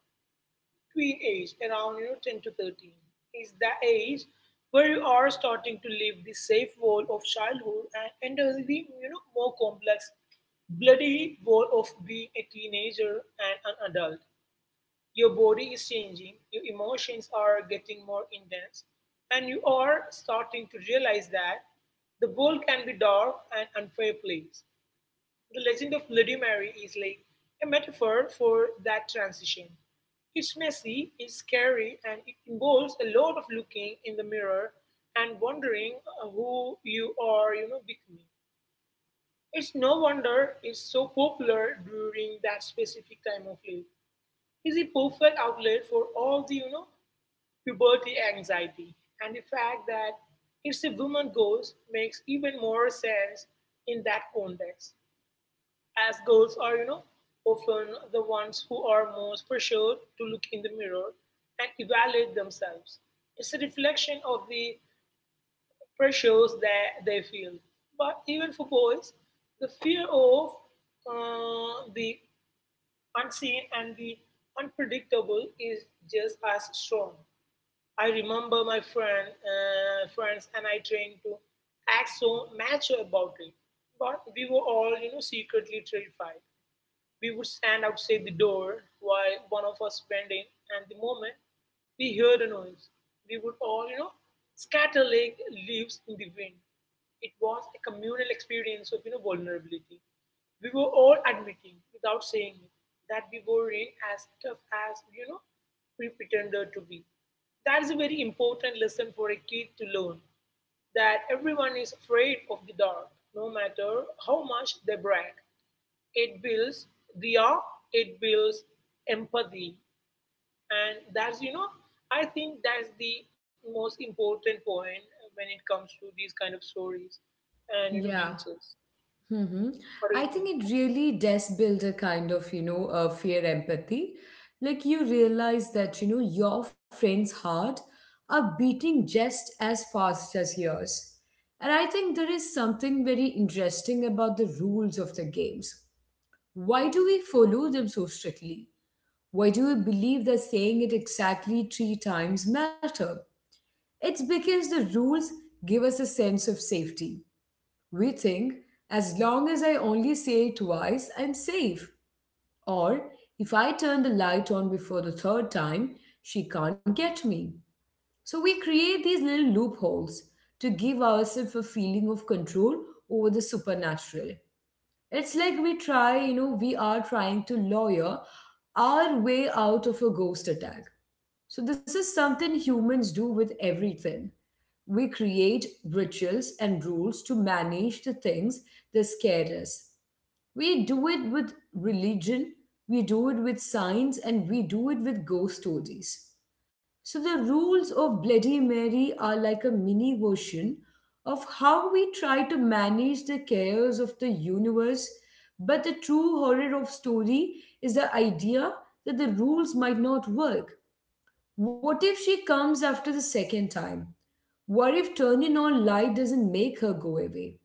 S2: tween age, around, you know, 10 to 13. Is the age where you are starting to leave the safe world of childhood and enter the, you know, more complex, bloody world of being a teenager and an adult. Your body is changing, your emotions are getting more intense, and you are starting to realize that the world can be dark and unfair place. The legend of Bloody Mary is like a metaphor for that transition. It's messy, it's scary, and it involves a lot of looking in the mirror and wondering who you are, you know, becoming. It's no wonder it's so popular during that specific time of life. Is a perfect outlet for all the, you know, puberty anxiety. And the fact that it's a woman ghost makes even more sense in that context, as girls are, you know, often the ones who are most pressured to look in the mirror and evaluate themselves. It's a reflection of the pressures that they feel. But even for boys, the fear of the unseen and the unpredictable is just as strong. I remember my friends and I trained to act so mature about it, but we were all, you know, secretly terrified. We would stand outside the door while one of us went in, and the moment we heard a noise, we would all, you know, scatter like leaves in the wind. It was a communal experience of, you know, vulnerability. We were all admitting, without saying it, that we were in as tough as, you know, we pretended to be. That is a very important lesson for a kid to learn, that everyone is afraid of the dark, no matter how much they brag. It builds, dia, it builds empathy. And that's, you know, I think that's the most important point when it comes to these kind of stories and, you know,
S1: Yeah.
S2: glitches.
S1: Mm-hmm.
S2: What do you
S1: I
S2: think?
S1: think it really does build a kind of, fear empathy. Like you realize that, your friend's heart are beating just as fast as yours. And I think there is something very interesting about the rules of the games. Why do we follow them so strictly? Why do we believe that saying it exactly three times matter? It's because the rules give us a sense of safety. We think as long as I only say it twice, I'm safe. Or if I turn the light on before the third time, she can't get me. So we create these little loopholes to give ourselves a feeling of control over the supernatural. It's like we are trying to lawyer our way out of a ghost attack. So, this is something humans do with everything. We create rituals and rules to manage the things that scare us. We do it with religion, we do it with science, and we do it with ghost stories. So the rules of Bloody Mary are like a mini version of how we try to manage the chaos of the universe. But the true horror of story is the idea that the rules might not work. What if she comes after the second time? What if turning on light doesn't make her go away?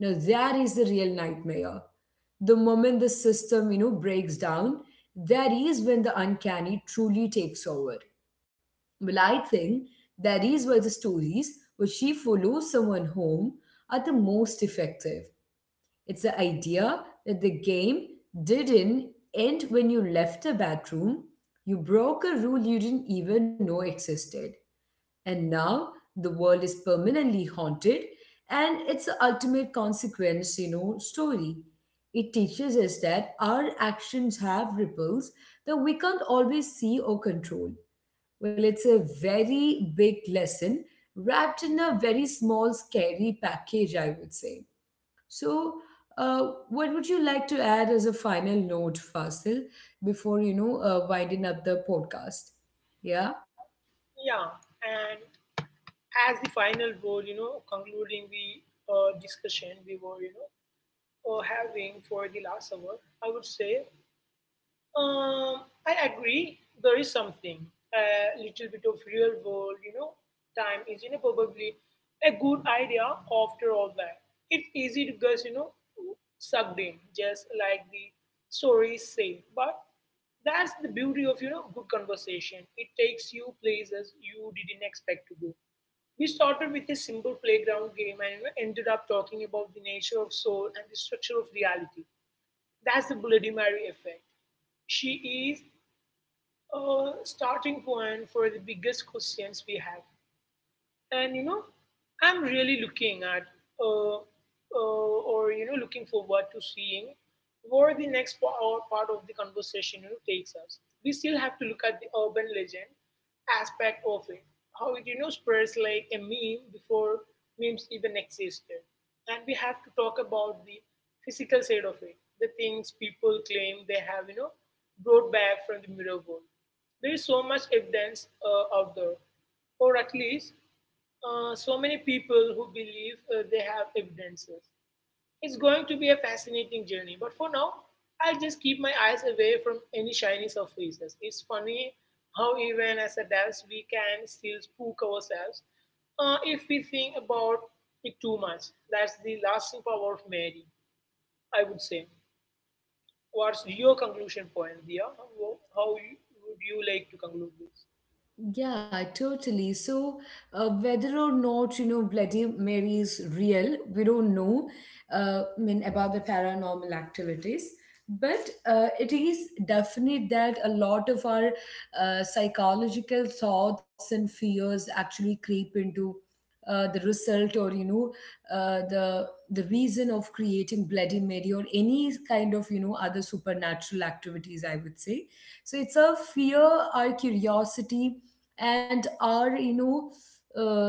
S1: Now that is the real nightmare. The moment the system, breaks down, that is when the uncanny truly takes over. Well, I think that is why the stories where she follows someone home are the most effective. It's the idea that the game didn't end when you left the bathroom. You broke a rule you didn't even know existed. And now the world is permanently haunted, and it's the ultimate consequence, story. It teaches us that our actions have ripples that we can't always see or control. Well, it's a very big lesson wrapped in a very small, scary package, I would say. So, what would you like to add as a final note, Fasil, before winding up the podcast? Yeah.
S2: Yeah. And as the final word, you know, concluding the discussion we were, you know, having for the last hour, I would say I agree. There is something a little bit of real world, you know, time is, you know, probably a good idea after all that. It's easy to get, you know, sucked in, just like the stories say. But that's the beauty of, you know, good conversation. It takes you places you didn't expect to go. We started with a simple playground game and, you know, ended up talking about the nature of soul and the structure of reality. That's the Bloody Mary effect. She is a starting point for the biggest questions we have, and, you know, I'm really looking at uh, or, you know, looking forward to seeing where the part of the conversation, you know, takes us. We still have to look at the urban legend aspect of it, how it, you know, spreads like a meme before memes even existed. And we have to talk about the physical side of it, the things people claim they have, you know, brought back from the mirror world. There is so much evidence out there, or at least so many people who believe they have evidences. It's going to be a fascinating journey, but for now, I'll just keep my eyes away from any shiny surfaces. It's funny how, even as adults, we can still spook ourselves if we think about it too much. That's the lasting power of Mary, I would say. What's your conclusion point, Dia? Would you like to conclude this?
S1: Yeah, totally. So, whether or not, Bloody Mary is real, we don't know, I mean, about the paranormal activities. But it is definite that a lot of our psychological thoughts and fears actually creep into the result or the reason of creating Bloody Mary or any kind of other supernatural activities, I would say. So it's a fear, our curiosity, and our uh,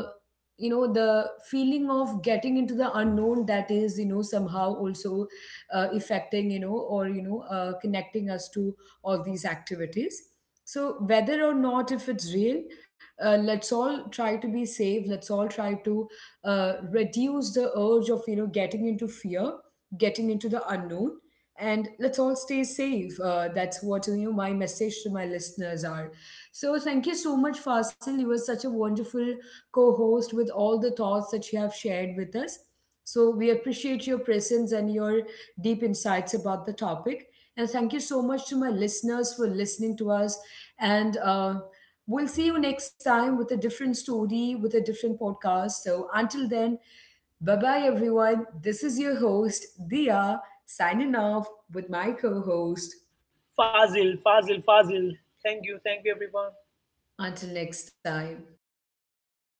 S1: the feeling of getting into the unknown that is somehow also affecting you know or you know connecting us to all these activities. So whether or not if it's real, let's all try to be safe, let's all try to reduce the urge of getting into fear, getting into the unknown, and let's all stay safe, that's what my message to my listeners are. So thank you so much, Fasil, you were such a wonderful co-host with all the thoughts that you have shared with us. So we appreciate your presence and your deep insights about the topic. And thank you so much to my listeners for listening to us. And we'll see you next time with a different story, with a different podcast. So until then, bye bye, everyone. This is your host, Dia, signing off with my co host.
S2: Fazil, Fazil, Fazil. Thank you, everyone.
S1: Until next time.